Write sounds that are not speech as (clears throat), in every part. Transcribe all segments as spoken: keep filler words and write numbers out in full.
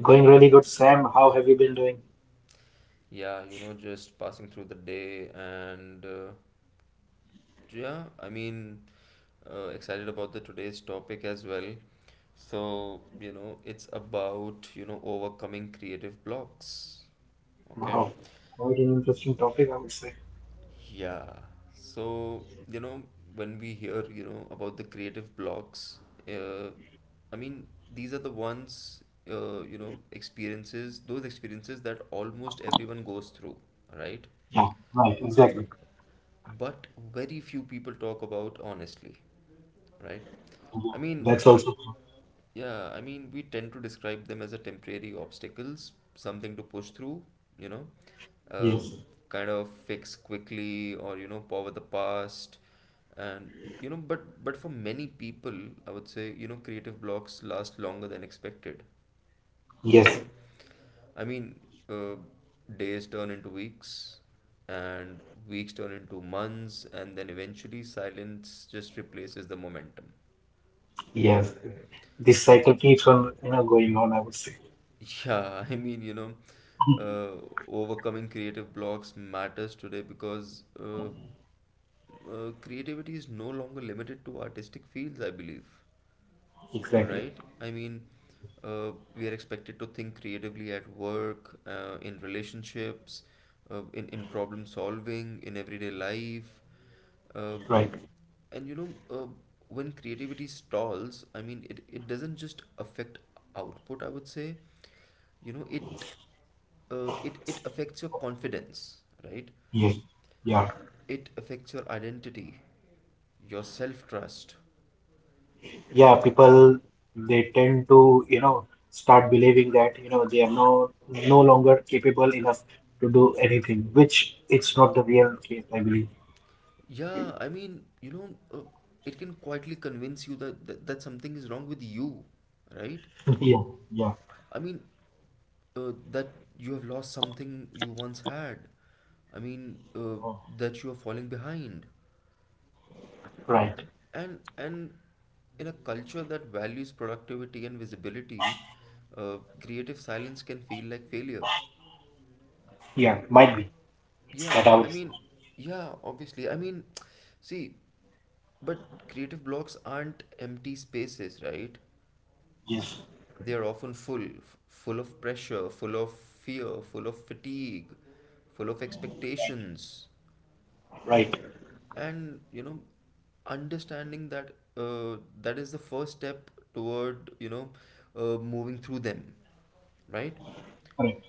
Going really good, Sam. How have you been doing? Yeah, you know, just passing through the day and uh, yeah, I mean, uh, excited about the today's topic as well. So, you know, it's about, you know, overcoming creative blocks. Okay. Wow, quite an interesting topic, I would say. Yeah. So, you know, when we hear, you know, about the creative blocks, uh, I mean, these are the ones, uh, you know, experiences, those experiences that almost everyone goes through, right? Yeah, right, exactly. But very few people talk about honestly, right? I mean, That's also true. yeah, I mean, we tend to describe them as a temporary obstacles, something to push through, you know, uh, Yes, kind of fix quickly or, you know, power the past. And, you know, but but for many people, I would say, you know, creative blocks last longer than expected, yes, right? I mean, uh, days turn into weeks, and weeks turn into months, and then eventually silence just replaces the momentum. yes. This cycle keeps on, you know, going on, I would say. Yeah, (laughs) I mean, you know, uh, overcoming creative blocks matters today because uh, uh, creativity is no longer limited to artistic fields, I believe, Exactly. right? I mean, uh, we are expected to think creatively at work, uh, in relationships, uh, in, in problem solving, in everyday life. Uh, Right. and you know, uh, when creativity stalls, I mean, it, it doesn't just affect output, I would say you know it uh, it it affects your confidence, right? Yes. Yeah. It affects your identity, your self trust. Yeah, people they tend to, you know, start believing that, you know, they are no no longer capable enough to do anything, which it's not the real case, I believe. Yeah, I mean, you know, uh, it can quietly convince you that, that that something is wrong with you, right? (laughs) Yeah, yeah. I mean, uh, that you have lost something you once had. I mean, uh, Oh, that you are falling behind. right. And and in a culture that values productivity and visibility, uh, creative silence can feel like failure. Yeah, might be. Yeah, That I I would say. mean, yeah, obviously. I mean, (tsk) see, but creative blocks aren't empty spaces, right? Yes, They are often full, f- full of pressure, full of fear, full of fatigue, full of expectations. right. And, you know, understanding that uh, that is the first step toward, you know, uh, moving through them, right? Correct.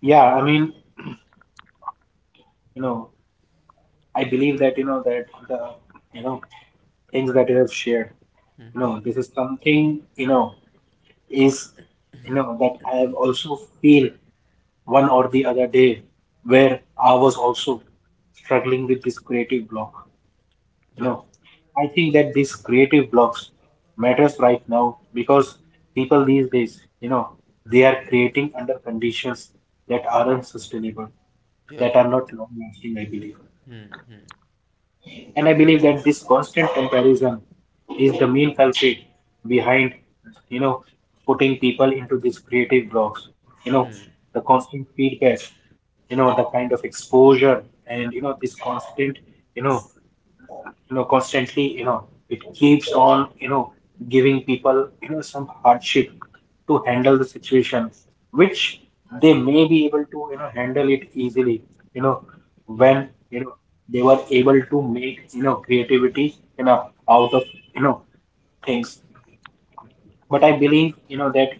Yeah, yeah. I mean, you know, I believe that, you know, that the, you know, things that you have shared, you Mm-hmm. know, this is something, you know, is, you know, that I have also feel one or the other day where I was also struggling with this creative block. You Yeah, know, I think that these creative blocks matters right now because people these days, you know, they are creating under conditions that aren't sustainable, yeah. that are not long lasting, I believe. Hmm, hmm, And I believe that this constant comparison is the main culprit behind, you know, putting people into these creative blocks. You know, hmm, the constant feedback, you know, the kind of exposure, and, you know, this constant, you know, you know constantly, you know it keeps on, you know giving people, you know some hardship to handle the situation, which they may be able to, you know handle it easily, you know, yeah. when, you know they were able to make, you know creativity, you know out of, you know things. But I believe, you know, that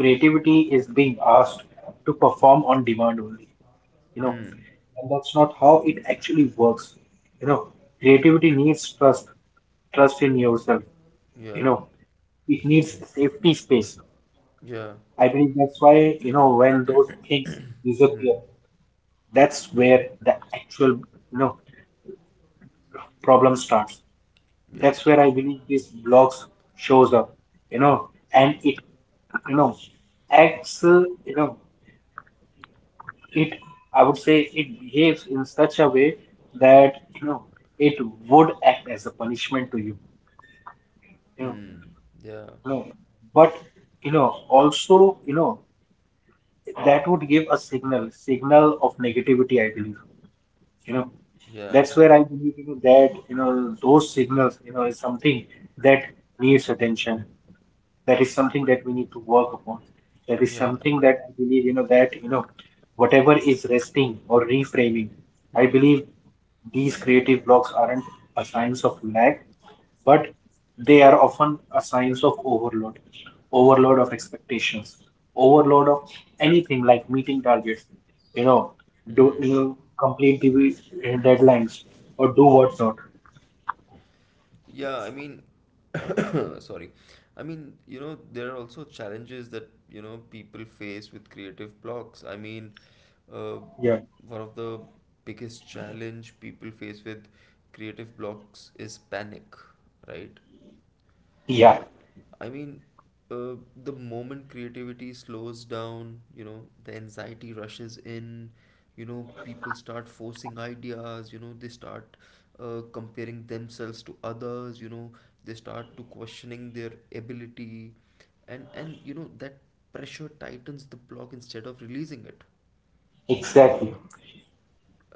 creativity is being asked to perform on demand only, you know, Hmm, and that's not how it actually works. You know, creativity needs trust, trust in yourself, you yeah, know, it needs safety space. yeah. I believe that's why, you know, when those things disappear, that's where the actual, you know, problem starts, Yeah. that's where I believe this blocks shows up, you know, and it, you know acts uh, you know, it, I would say it behaves in such a way that, you know, it would act as a punishment to you, you know, Hmm. Yeah. you know, but, you know, also, you know, that would give a signal signal of negativity, I believe, you know, Yeah. that's where I believe, you know, that, you know, those signals, you know, is something that needs attention, that is something that we need to work upon, that is Yeah. something that I believe, you know, that, you know, whatever is resting or reframing, I Hmm. believe these creative blocks aren't a signs of lack, but they are often a signs of overload, overload of expectations, overload of anything like meeting targets, you know, do, you Hmm. know, complete the deadlines, or do what's not. Yeah. I mean, (coughs) sorry. I mean, you know, there are also challenges that, you know, people face with creative blocks. I mean, uh, Yeah, one of the biggest challenge people face with creative blocks is panic, right? yeah, I mean, uh, the moment creativity slows down, you know, the anxiety rushes in, you know, people start forcing ideas, you know, they start uh, comparing themselves to others, you know, they start to questioning their ability, and and you know that pressure tightens the block instead of releasing it, exactly.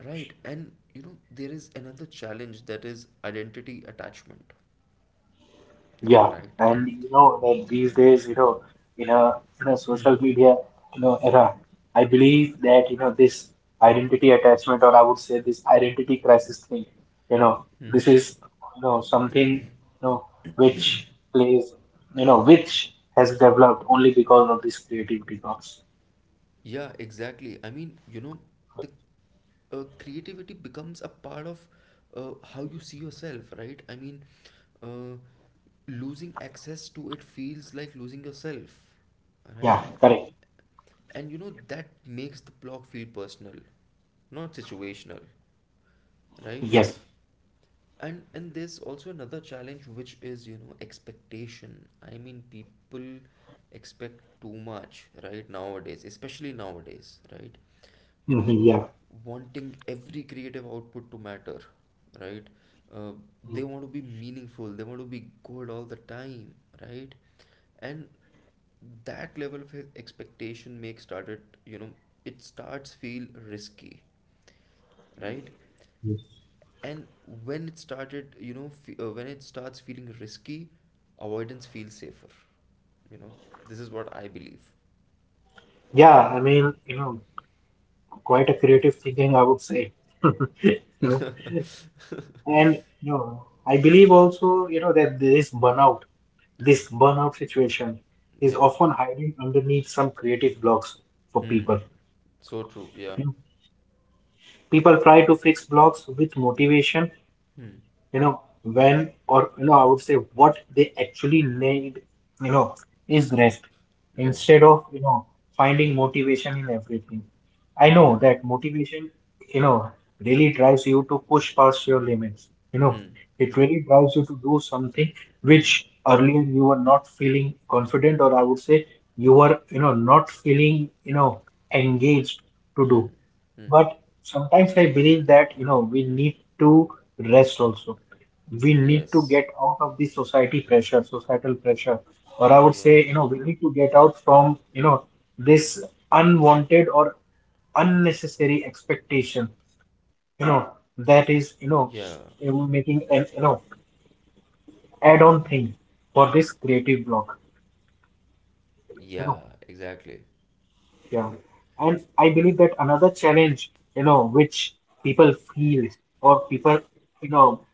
right? And you know there is another challenge that is identity attachment, Yeah, right? and you know that these days, you know, in a in a Hmm. social media, you know, era, I believe that, you know, this identity attachment, or I would say this identity crisis thing, you know, this Hmm. is, you know, something, you know, which plays, you know, which has developed only because of this creativity box. Yeah, exactly. I mean, you know, the uh, creativity becomes a part of uh, how you see yourself, right? I mean, uh, losing access to it feels like losing yourself, Yeah, right? correct. And you know, that makes the block feel personal, not situational, right? Yes. and and there's also another challenge which is you know expectation. I mean, people expect too much right nowadays, especially nowadays, right? You Mhm, know, yeah. wanting every creative output to matter, right? uh, they want to be meaningful, they want to be good all the time, right? And that level of expectation makes started, you know, it starts feel risky, right? Mhm. And when it started, you know, fe- uh, when it starts feeling risky, avoidance feels safer, you know. This is what I believe. Yeah, I mean, you know, quite a creative thinking, I would say. (laughs) You know. (laughs) And you know, I believe also, you know, that this burnout, this burnout situation is Yeah, often hiding underneath some creative blocks for hmm, people. so true, You yeah. know, people try to fix blocks with motivation, Hmm, you know, when, or you know, I would say what they actually need, you know, is rest yeah, instead of, you know finding motivation in everything. I know yeah, that motivation, you know, really drives you to push past your limits. You know, hmm, it hmm, really drives you to do something which hmm, earlier you were not feeling confident, or I would say you were, you know, not feeling, you know, engaged to do. hmm, hmm, But sometimes I believe that, you know, we need to rest also. We need to yes, get out of the society pressure, societal pressure. Or I would say, yeah, you know, we need to get out from, you know, this unwanted or unnecessary expectation, you know, that yeah, is, you know, um, making an, you know, add-on thing for this creative block, yeah, you know. exactly, Yeah. And I believe that another challenge, you know, which people feel, or people, you know,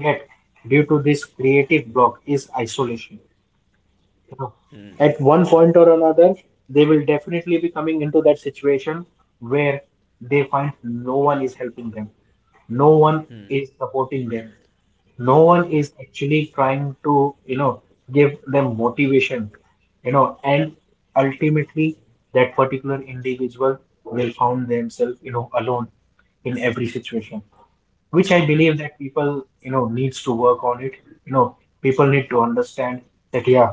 get due to this creative block is isolation. hmm, You know, at one point or another, they will definitely be coming into that situation where they find no one is helping them, no hmm, one is supporting them, yeah, no one is actually trying to, you know, give them motivation, you know, and ultimately that particular individual will find themselves, you know, alone in every situation, which yeah, I believe that people, you know, needs to work on it. You know, people need to understand that yeah,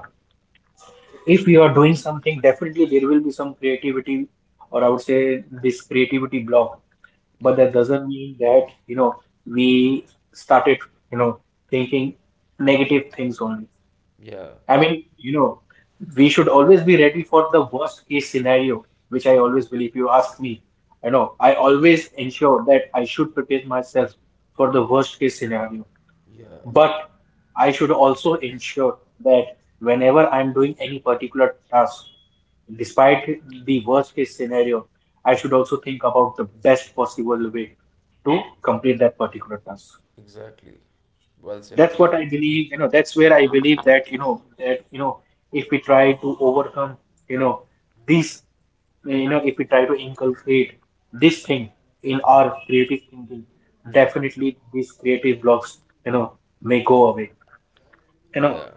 if you are doing something, definitely there will be some creativity, or I would say this creativity block. yeah, But that doesn't mean that, you know, we started, you know, thinking negative things only. yeah, I mean, you know, we should always be ready for the worst case scenario, which I always believe you ask me. I know I always ensure that I should prepare myself for the worst case scenario, yeah, but I should also ensure that whenever I'm doing any particular task, despite the worst case scenario, I should also think about the best possible way to complete that particular task. exactly, well said, That's what I believe, you know, that's where I believe that, you know, that, you know, if we try to overcome, you know, this, you know, if we try to inculcate this thing in hmm. our creative thinking, Hmm. definitely these creative blocks, you know, may go away, you know, Yeah.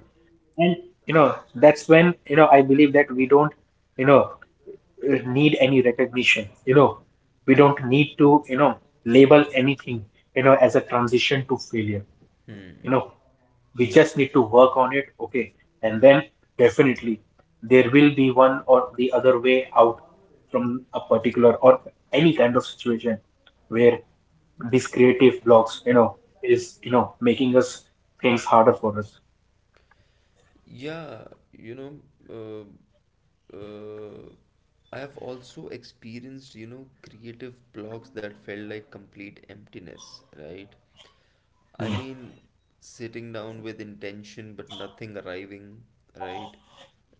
and, you know, that's when, you know, I believe that we don't, you know, uh, need any recognition, you know, we don't need to, you know, label anything, you know, as a transition to failure, Hmm. you know, we just need to work on it, okay, and then definitely there will be one or the other way out from a particular, or any kind of situation where these creative blocks, you know, is, you know making us things harder for us. Yeah. You know, uh, uh, I have also experienced, you know, creative blocks that felt like complete emptiness, right? I mean, sitting down with intention but nothing arriving, right?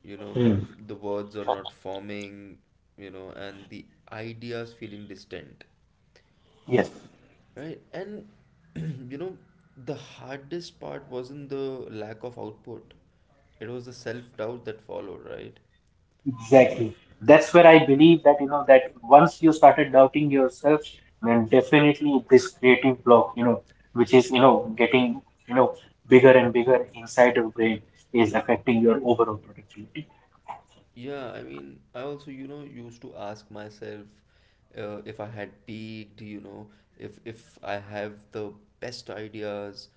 You know, Hmm. the words are not forming, you know, and the ideas feeling distant. Yes. Right. And (clears throat) you know, the hardest part wasn't the lack of output. It was the self-doubt that followed, right? Exactly. That's where I believe that, you know, that once you started doubting yourself, then definitely this creative block, you know, which is, you know, getting, you know, bigger and bigger inside your brain is affecting your overall productivity. Yeah, I mean, I also, you know, used to ask myself uh, if I had peaked, you know, if if I have the best ideas,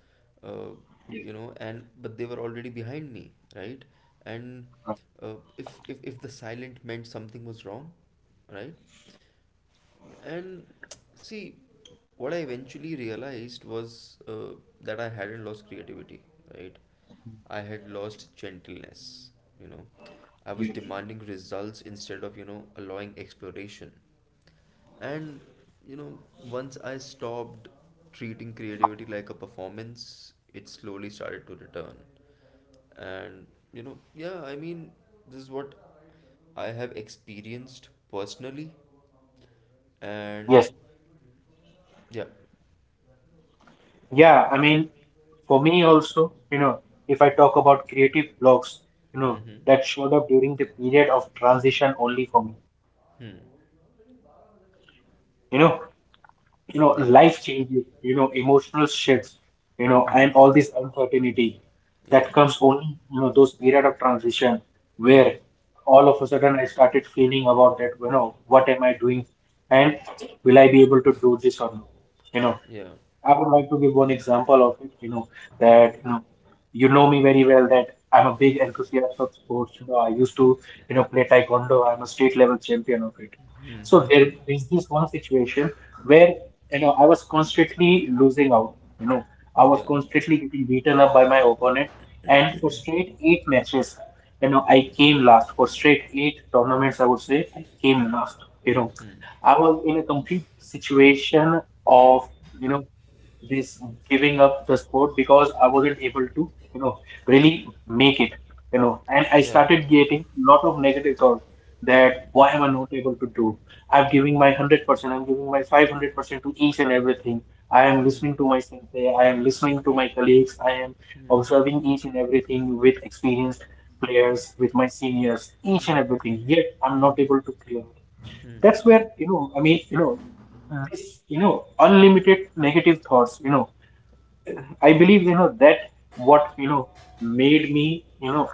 uh, you know, and but they were already behind me, right? And Uh, uh, if if if the silent meant something was wrong, right? And see, what I eventually realized was uh, that I hadn't lost creativity, right? I had lost gentleness, you know. I was you- demanding results instead of, you know, allowing exploration. And, you know, once I stopped treating creativity like a performance, it slowly started to return. And, you know, yeah, I mean, this is what I have experienced personally. And, Yes. yeah. Yeah. I mean, for me also, you know, if I talk about creative blocks, you know, Mm-hmm. that showed up during the period of transition only for Hmm. me. You know, you know Yeah. life changes, you know emotional shifts, you know, and Mm. all this uncertainty that Yeah. comes only, you know those period of transition where Mm. all of a sudden I started feeling about that, you know what am I doing, and will I be able to do this or not, you know. Yeah. I would like to give one example of it, you know, that Mm. you know, you know me very well that I'm a big enthusiast of sports. You know, I used to, you know, play taekwondo. I'm a state level champion of it. So there is this one situation where, you know, I was constantly losing out. You know, I Yeah. was constantly getting beaten up by my opponent, and for straight eight matches, you know, I came last. For straight eight tournaments, I would say I came last. You know, I was in a complete situation of, you know this giving up the sport because I wasn't able to, you know, really make it, you know. And I Yeah. started getting lot of negative thoughts that why am I not able to do? I'm giving my one hundred percent, I'm giving my five hundred percent to each and everything. I am listening to my sensei, I am listening to my colleagues, I am observing each and everything with experienced players, with my seniors, each and everything. Yet I'm not able to clear it. That's where, you know, I mean, you know, uh, this, you know unlimited negative thoughts, you know, I believe, you know, that what, you know made me, you know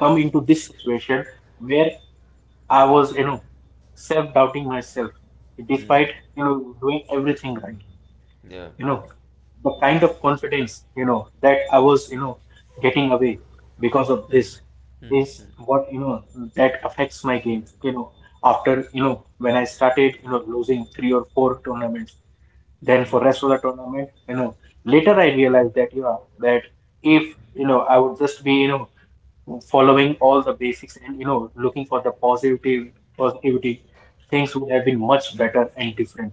come into this situation where I was, you know self doubting myself despite, Mm. you know doing everything right, Yeah. you know, the kind of confidence, you know, that I was, you know, getting away because of this is what, you know, that affects my game, you know, after, you know, when I started, you know, losing three or four tournaments, then Mm. for rest of the tournament, you know, later I realized that, yeah, that if, you know, I would just be, you know, following all the basics and, you know, looking for the positivity positivity, things would have been much better and different.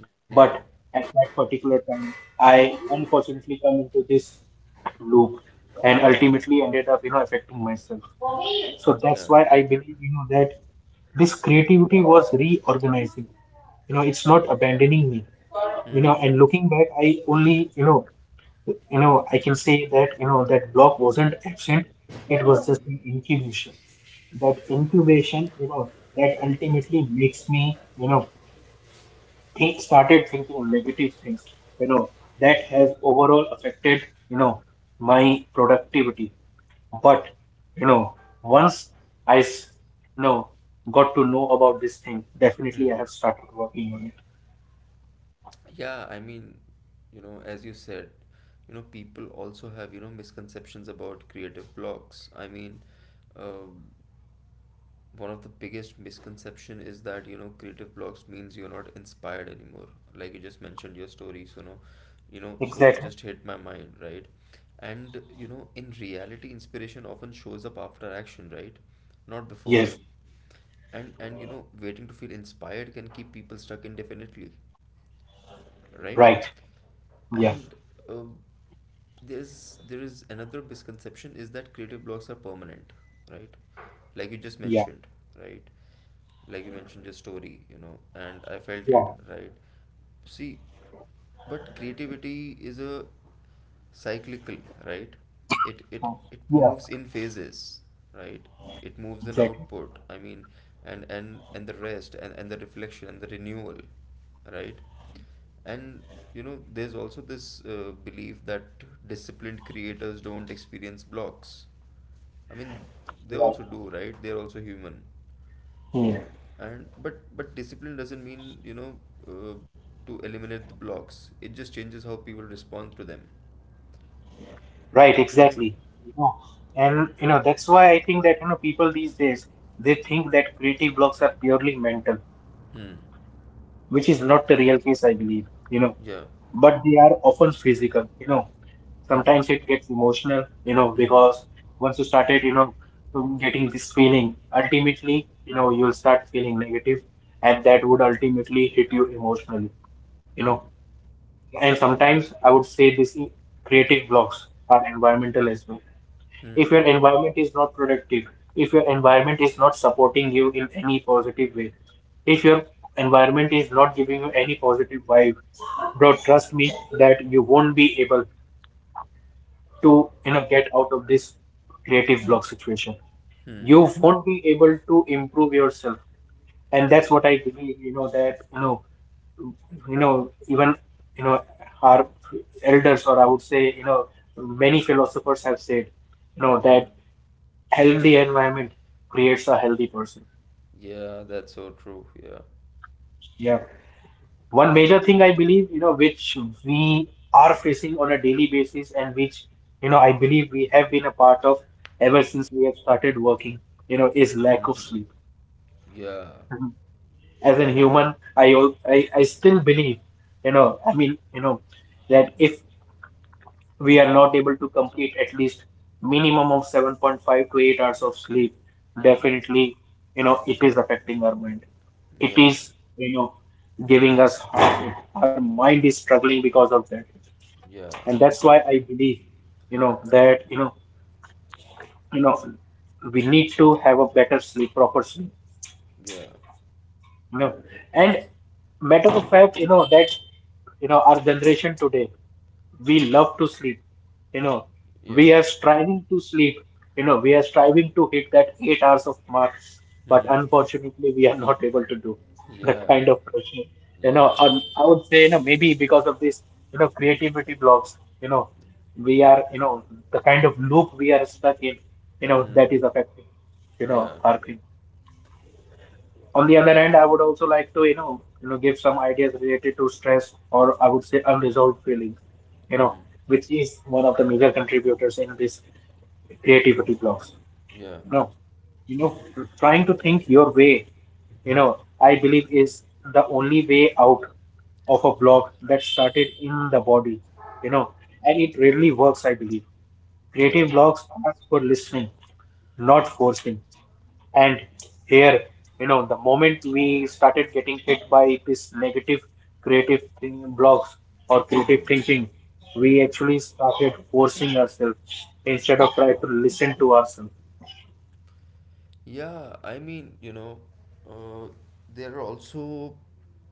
Yeah. But at that particular time, I unfortunately come into this loop, and ultimately ended up, you know, affecting myself. So Yeah. that's why I believe, you know, that this creativity was reorganizing. You know, it's not abandoning me. You Mm. know, and looking back, I only, you know, you know, I can say that, you know, that block wasn't absent. It was just an incubation. That incubation, you know, that ultimately makes me, you know, think started thinking negative things, you know, that has overall affected, you know, my productivity. But, you know, once i s- you know, got to know about this thing, definitely Mm. I have started working on it. Yeah. I mean, you know, as you said, you know, people also have you know misconceptions about creative blocks. I mean, um, one of the biggest misconception is that you know creative blocks means you're not inspired anymore, like you just mentioned your story. So no, you know, so it Exactly. just hit my mind, right? And you know in reality inspiration often shows up after action, right? Not before. Yes. and and you know waiting to feel inspired can keep people stuck indefinitely, right? Right. yeah And uh, there's there is another misconception is that creative blocks are permanent, right? Like you just yeah mentioned, right? Like you mentioned your story, you know, and I felt yeah. it, right? See, but creativity is a cyclical, right? It it Uh, it yeah, moves in phases, right? It moves in exactly. output. I mean, and and and the rest and and the reflection and the renewal, right? And you know, there's also this uh, belief that disciplined creators don't experience blocks. I mean, they also Right. do, right? They're also human. Yeah. And but but discipline doesn't mean you know uh, to eliminate the blocks. It just changes how people respond to them, Right. right? Exactly. You know, and you know that's why I think that, you know, people these days, they think that creative blocks are purely mental, Hmm. which is not the real case, I believe, you know, Yeah. but they are often physical, you know. Mm. Sometimes it gets emotional, you know, Mm. because once you started, you know, um, getting this feeling, ultimately, you know, you'll start feeling negative, and that would ultimately hit you emotionally, you Hmm. know. And sometimes I would say this creative blocks are environmental as well. If Hmm. your environment is not productive, if your environment is not supporting you in any positive way, if your environment is not giving you any positive vibe, bro, trust me that you won't be able to, you know, get out of this creative block situation. You won't be able to improve yourself. And that's Yeah. what I believe, you know, that, you know, you know, even, you know, our elders, or I would say, you know, many philosophers have said, you know, that Yeah. healthy environment creates a healthy person. Yeah, that's so true. Yeah. Yeah. One major thing I believe, you know, which we are facing on a daily basis and which, you know, I believe we have been a part of ever since we have started working, you know, is lack of Mm-hmm. sleep. Yeah. Mhm. As a human, I, al- I I still believe, you know, I mean, you know, that if we are not able to complete at least minimum of seven point five to eight hours of sleep, definitely, you know, it is affecting our mind. It Yeah. is, you know, giving us heartache. Our mind is struggling because of that. Yeah. And that's why I believe, you know that you know you know, we need to have a better sleep, proper sleep, Yeah. you know. And matter of fact, you know, that, you know, our generation today, we love to sleep. You know, we Yeah. are striving to sleep. You know, we are striving to hit that eight hours of mark, but Hmm. unfortunately, we are not able to do the kind Yeah. of pressure. You know, Yeah. um, I would say, you know, maybe because of this, you know, creativity blocks, you know, we are, you know, the kind of loop we are stuck in, you know, that Hmm. is affecting, you Yeah. know, our thing. On the other hand, I would also like to, you know, you know, give some ideas related to stress, or I would say unresolved feelings, you know, Hmm. which is one of the major contributors in this creativity blocks. Yeah. You know, you know, trying to think your way, you know, I believe is the only way out of a block that started in the body, you know, and it really works, I believe. Yeah. Creative blocks are for listening, not forcing. And here, you know, the moment we started getting hit by this negative creative thing, blocks or creative Hmm. thinking, we Hmm. actually started forcing ourselves instead of trying to listen to ourselves. Yeah, I mean, you know, uh, there are also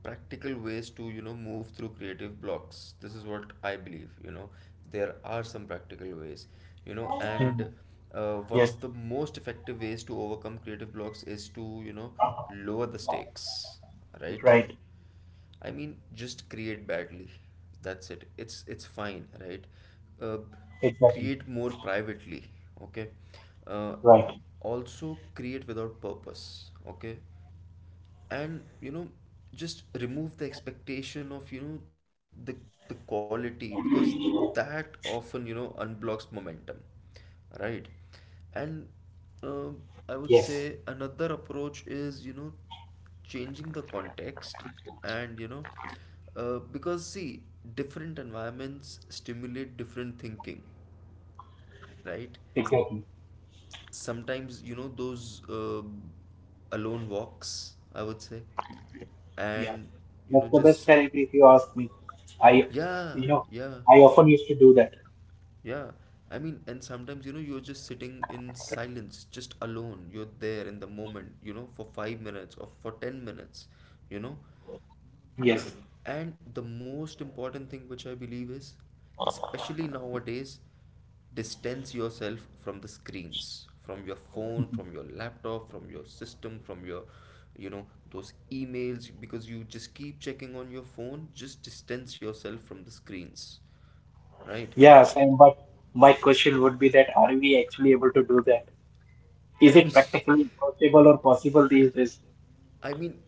practical ways to, you know, move through creative blocks. This is what I believe, you know, there are some practical ways, you know, Hmm. and uh, one Yes, of the most effective ways to overcome creative blocks is to, you know, lower the stakes, right? right. I mean, just create badly. That's it. It's it's fine, right? Uh, Exactly. create more privately, okay? Uh, Right. also create without purpose, okay? And you know, just remove the expectation of you know the, the quality, because that often you know unblocks momentum, right? And um I would say Yes. another approach is you know changing the context. And you know uh, because see different environments stimulate different thinking, right? Exactly. Sometimes you know those uh, alone walks, I would say. Yeah. And you That's know, the best just therapy if you ask me. I, yeah, you know, yeah, I often used to do that. yeah. I mean, and sometimes you know you're just sitting in silence, just alone, you're there in the moment, you know, for five minutes or for ten minutes, you know. Yes. And the most important thing which I believe is, especially nowadays, distance yourself from the screens, from your phone, from your laptop, from your system, from your, you know, those emails, because you just keep checking on your phone, just distance yourself from the screens, right? Yeah, Sam, but my question would be that are we actually able to do that? I Is mean, it practically possible or possible these days? (laughs) I mean,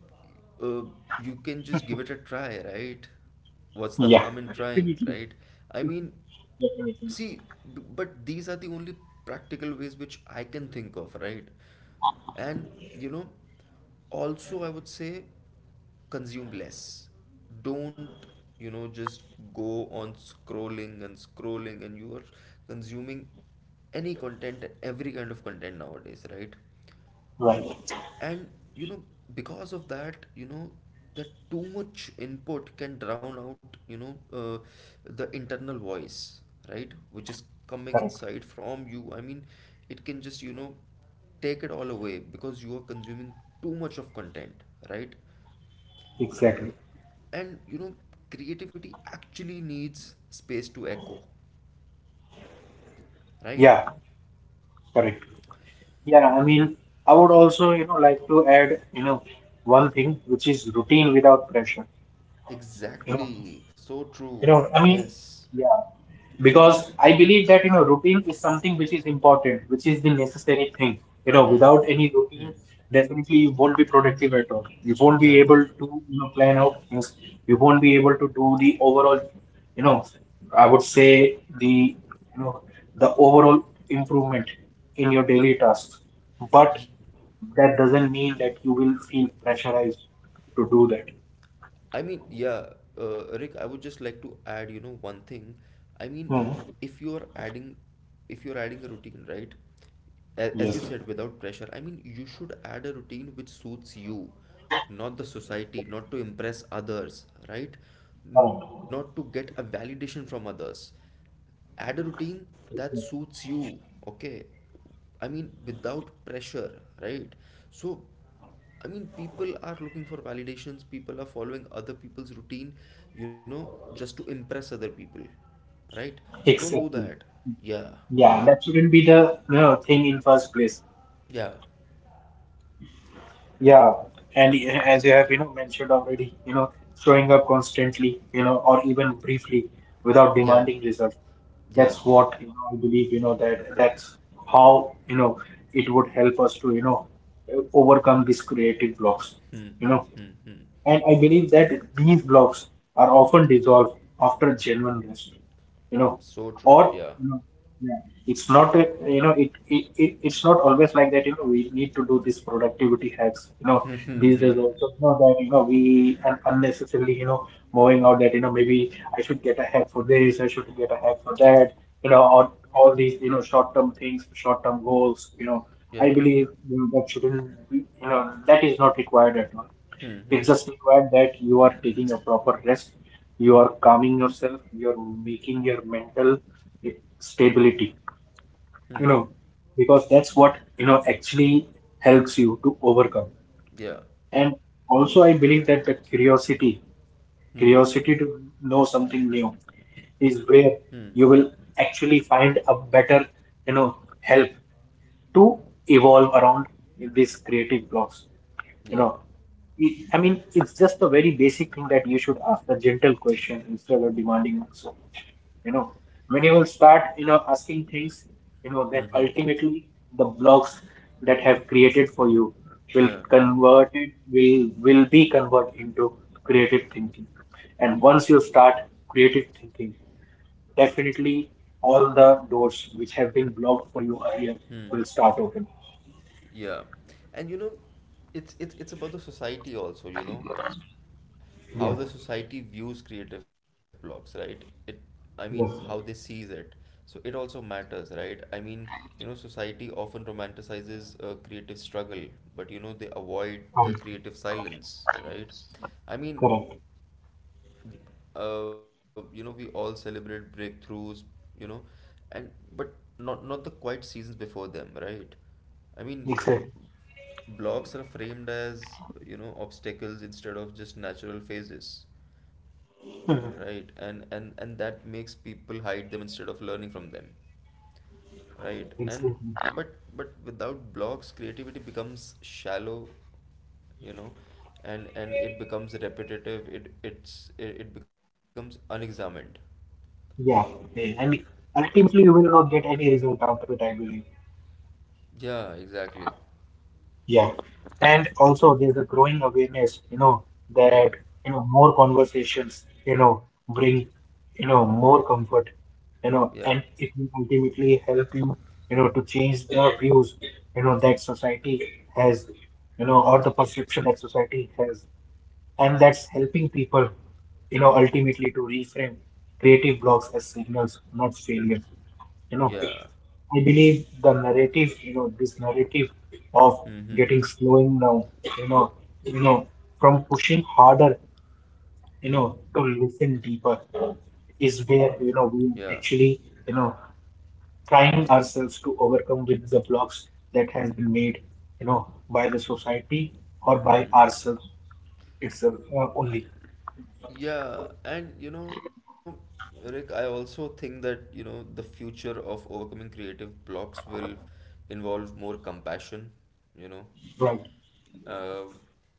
uh, you can just give it a try, right? What's the Yeah, harm in trying, definitely, right? I mean, definitely. see, b- but these are the only practical ways which I can think of, right? And you know, also I would say consume less. Don't, you know, just go on scrolling and scrolling and you are consuming any content, every kind of content nowadays, right? Right, And you know because of that you know that too much input can drown out you know uh, the internal voice, right, which is coming correct, inside from you. I mean, it can just you know take it all away because you are consuming too much of content, right? exactly. And you know creativity actually needs space to echo, right? Yeah, correct. Yeah, I mean, I would also, you know, like to add, you know, one thing which is routine without pressure. You know, Exactly, so You true, know, I mean, yes, yeah, because I believe that, you know, routine is something which is important, which is the necessary thing. You know, hmm, without any hmm, routine, definitely you won't be productive at all. You won't be yeah. able to, you know, plan out things. You won't be able to do the overall, you know, I would say the, you know, the overall improvement in your daily tasks. But that doesn't mean that you will feel pressurized to do that. I mean, yeah, uh, Rick, I would just like to add, you know, one thing. I mean, Hmm. if you're adding, if you're adding a routine, right? A- As you Yes. said, without pressure. I mean, you should add a routine which suits you, not the society, not to impress others, right? Correct. Not to get a validation from others. Add a routine that suits you, okay? I mean, without pressure, right? So I mean people are looking for validations, people are following other people's routine, you know, just to impress other people, right? Don't do Exactly. that. Yeah, Yeah, that shouldn't be the, you know, thing in first place. yeah, Yeah. And uh, as you have, you know, mentioned already, you know, showing up constantly, you know, or even briefly without yeah, demanding result. yeah, That's what, you know, I believe. You know that that's how, you know, it would help us to, you know, overcome these creative blocks. hmm, You know. hmm, hmm, hmm, And I believe that these blocks are often dissolved after genuine rest, you know, so true, or yeah, you know, yeah, it's not a, you know it, it, it it's not always like that. You know, we need to do these productivity hacks. You know, hmm, these hmm, days hmm, also, you know, that, you know, we, and unnecessarily, you know, moving out that you know maybe I should get a hack for this, I should get a hack for that. You know, or all these, you know, short-term things, short-term goals. You know, I yeah, believe, you know, that shouldn't be, you know, that is not required at all. hmm, It's hmm, just required that you are taking a proper rest, you are calming yourself, you're making your mental stability, you hmm, know, because that's what, you know, actually helps you to overcome. yeah, And also, I believe that the curiosity, hmm, curiosity to know something new, hmm, is where you will actually find a better, you know, help to evolve around these creative blocks. yeah, You know, it, I mean, it's just a very basic thing that you should ask a gentle question instead of demanding answer. You know, when you will start, you know, asking things, you hmm, know, hmm. then ultimately the blocks that have created for you will Yeah. convert it will will be converted into creative thinking. And once you start creative thinking, definitely all the doors which have been blocked for you earlier Hmm. will start opening. Yeah. And you know, it's it's it's about the society also, you know, how Yes, the society views creative blocks, right? It I mean, how they yes, sees it. So it also matters, right? I mean, you know, society often romanticizes uh, creative struggle, but you know, they avoid the creative silence, right? I mean, correct. uh, you know we all celebrate breakthroughs, you know, and but not not the quiet seasons before them, right? I mean, Exactly, blocks are framed as you know obstacles instead of just natural phases, right? And and and that makes people hide them instead of learning from them, right? and exactly. but but without blocks creativity becomes shallow, you know, and and it becomes repetitive, it it's it, it becomes unexamined. Yeah, eh, and ultimately you will not get any result out of it, I believe. Yeah, exactly. Yeah, and also there's a growing awareness, you know, that Yeah. you know more conversations, you know, bring you know more comfort, you Yeah. know, and it will ultimately help you, you know, to change the views, you know, that society has, you know, or the perception that society has, and that's helping people, you know, ultimately to reframe creative blocks as signals not failure. You know, Yeah. I believe the narrative, you know this narrative of Mm-hmm. getting slowing down, you know you know from pushing harder, you know, Mm. to listen deeper is Yeah. where, you know, we actually, you know, trying ourselves to overcome with the blocks that has been made, you know, by the society or by Mm. ourselves itself, uh, only. Yeah, and you know, Rick, I also think that, you know, the future of overcoming creative blocks will involve more compassion, you know. Right. uh,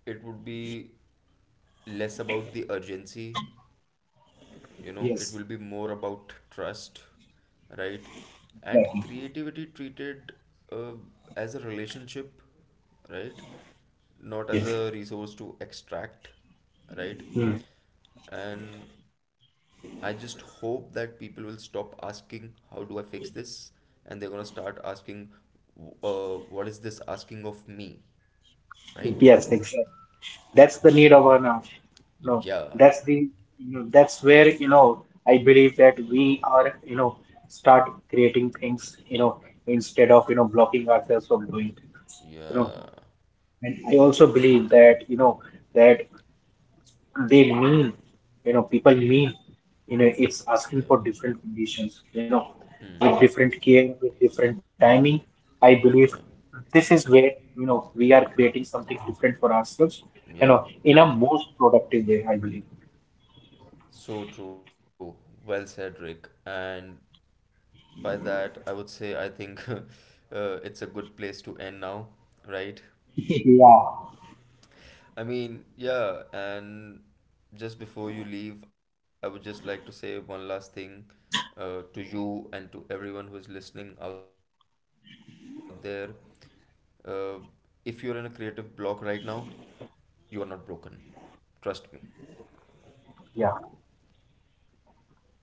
it would be less about the urgency, you know, it will be Yes. more about trust, right? And Exactly. creativity treated uh, as a relationship, right? Not as Yes. a resource to extract, right? Mm. And I just hope that people will stop asking how do I fix this, and they're going to start asking w- uh, what is this asking of me, right? Yes, exactly. That's the need of our now. No, Yeah, that's the, you know, that's where, you know, I believe that we are, you know, start creating things, you know, instead of, you know, blocking ourselves from doing, you know. yeah, And I also believe that, you know, that they mean you know people mean, you know, yeah, it's asking for different conditions, you know, hmm, with different care, with different timing. I believe yeah, this is where, you know, we are creating something different for ourselves, you know, yeah. in a most productive way, I believe. So true. Well said, Rick. And by that, I would say I think (laughs) uh, it's a good place to end now, right? (laughs) Yeah. I mean, yeah, and just before you leave, I would just like to say one last thing uh, to you and to everyone who is listening out there. Uh, if you're in a creative block right now, you are not broken. Trust me. Yeah,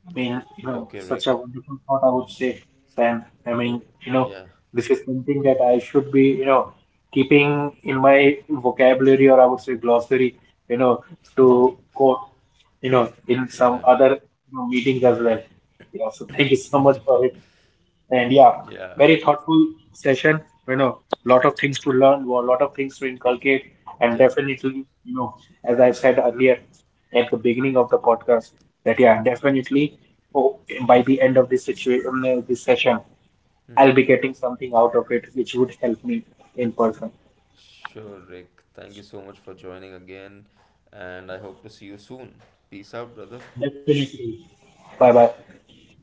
I mean, Okay, you Rick. know, such a wonderful thought, I would say, Sam. I mean, Yeah. you know, this is something that I should be, you know, keeping in my vocabulary, or I would say glossary, you know, to quote, you know, in some Yeah, other, you know, meetings as well. Yeah, so thank you so much for it. And yeah, yeah, very thoughtful session. You know, lot of things to learn, a lot of things to inculcate, and yeah. definitely, you know, as I said earlier at the beginning of the podcast, that yeah, definitely, oh, by the end of this situation, this session, I'll be getting something out of it, which would help me in person. Sure, Rick. Thank you so much for joining again, and I hope to see you soon. Peace out, brother. Definitely. Bye bye. Bye.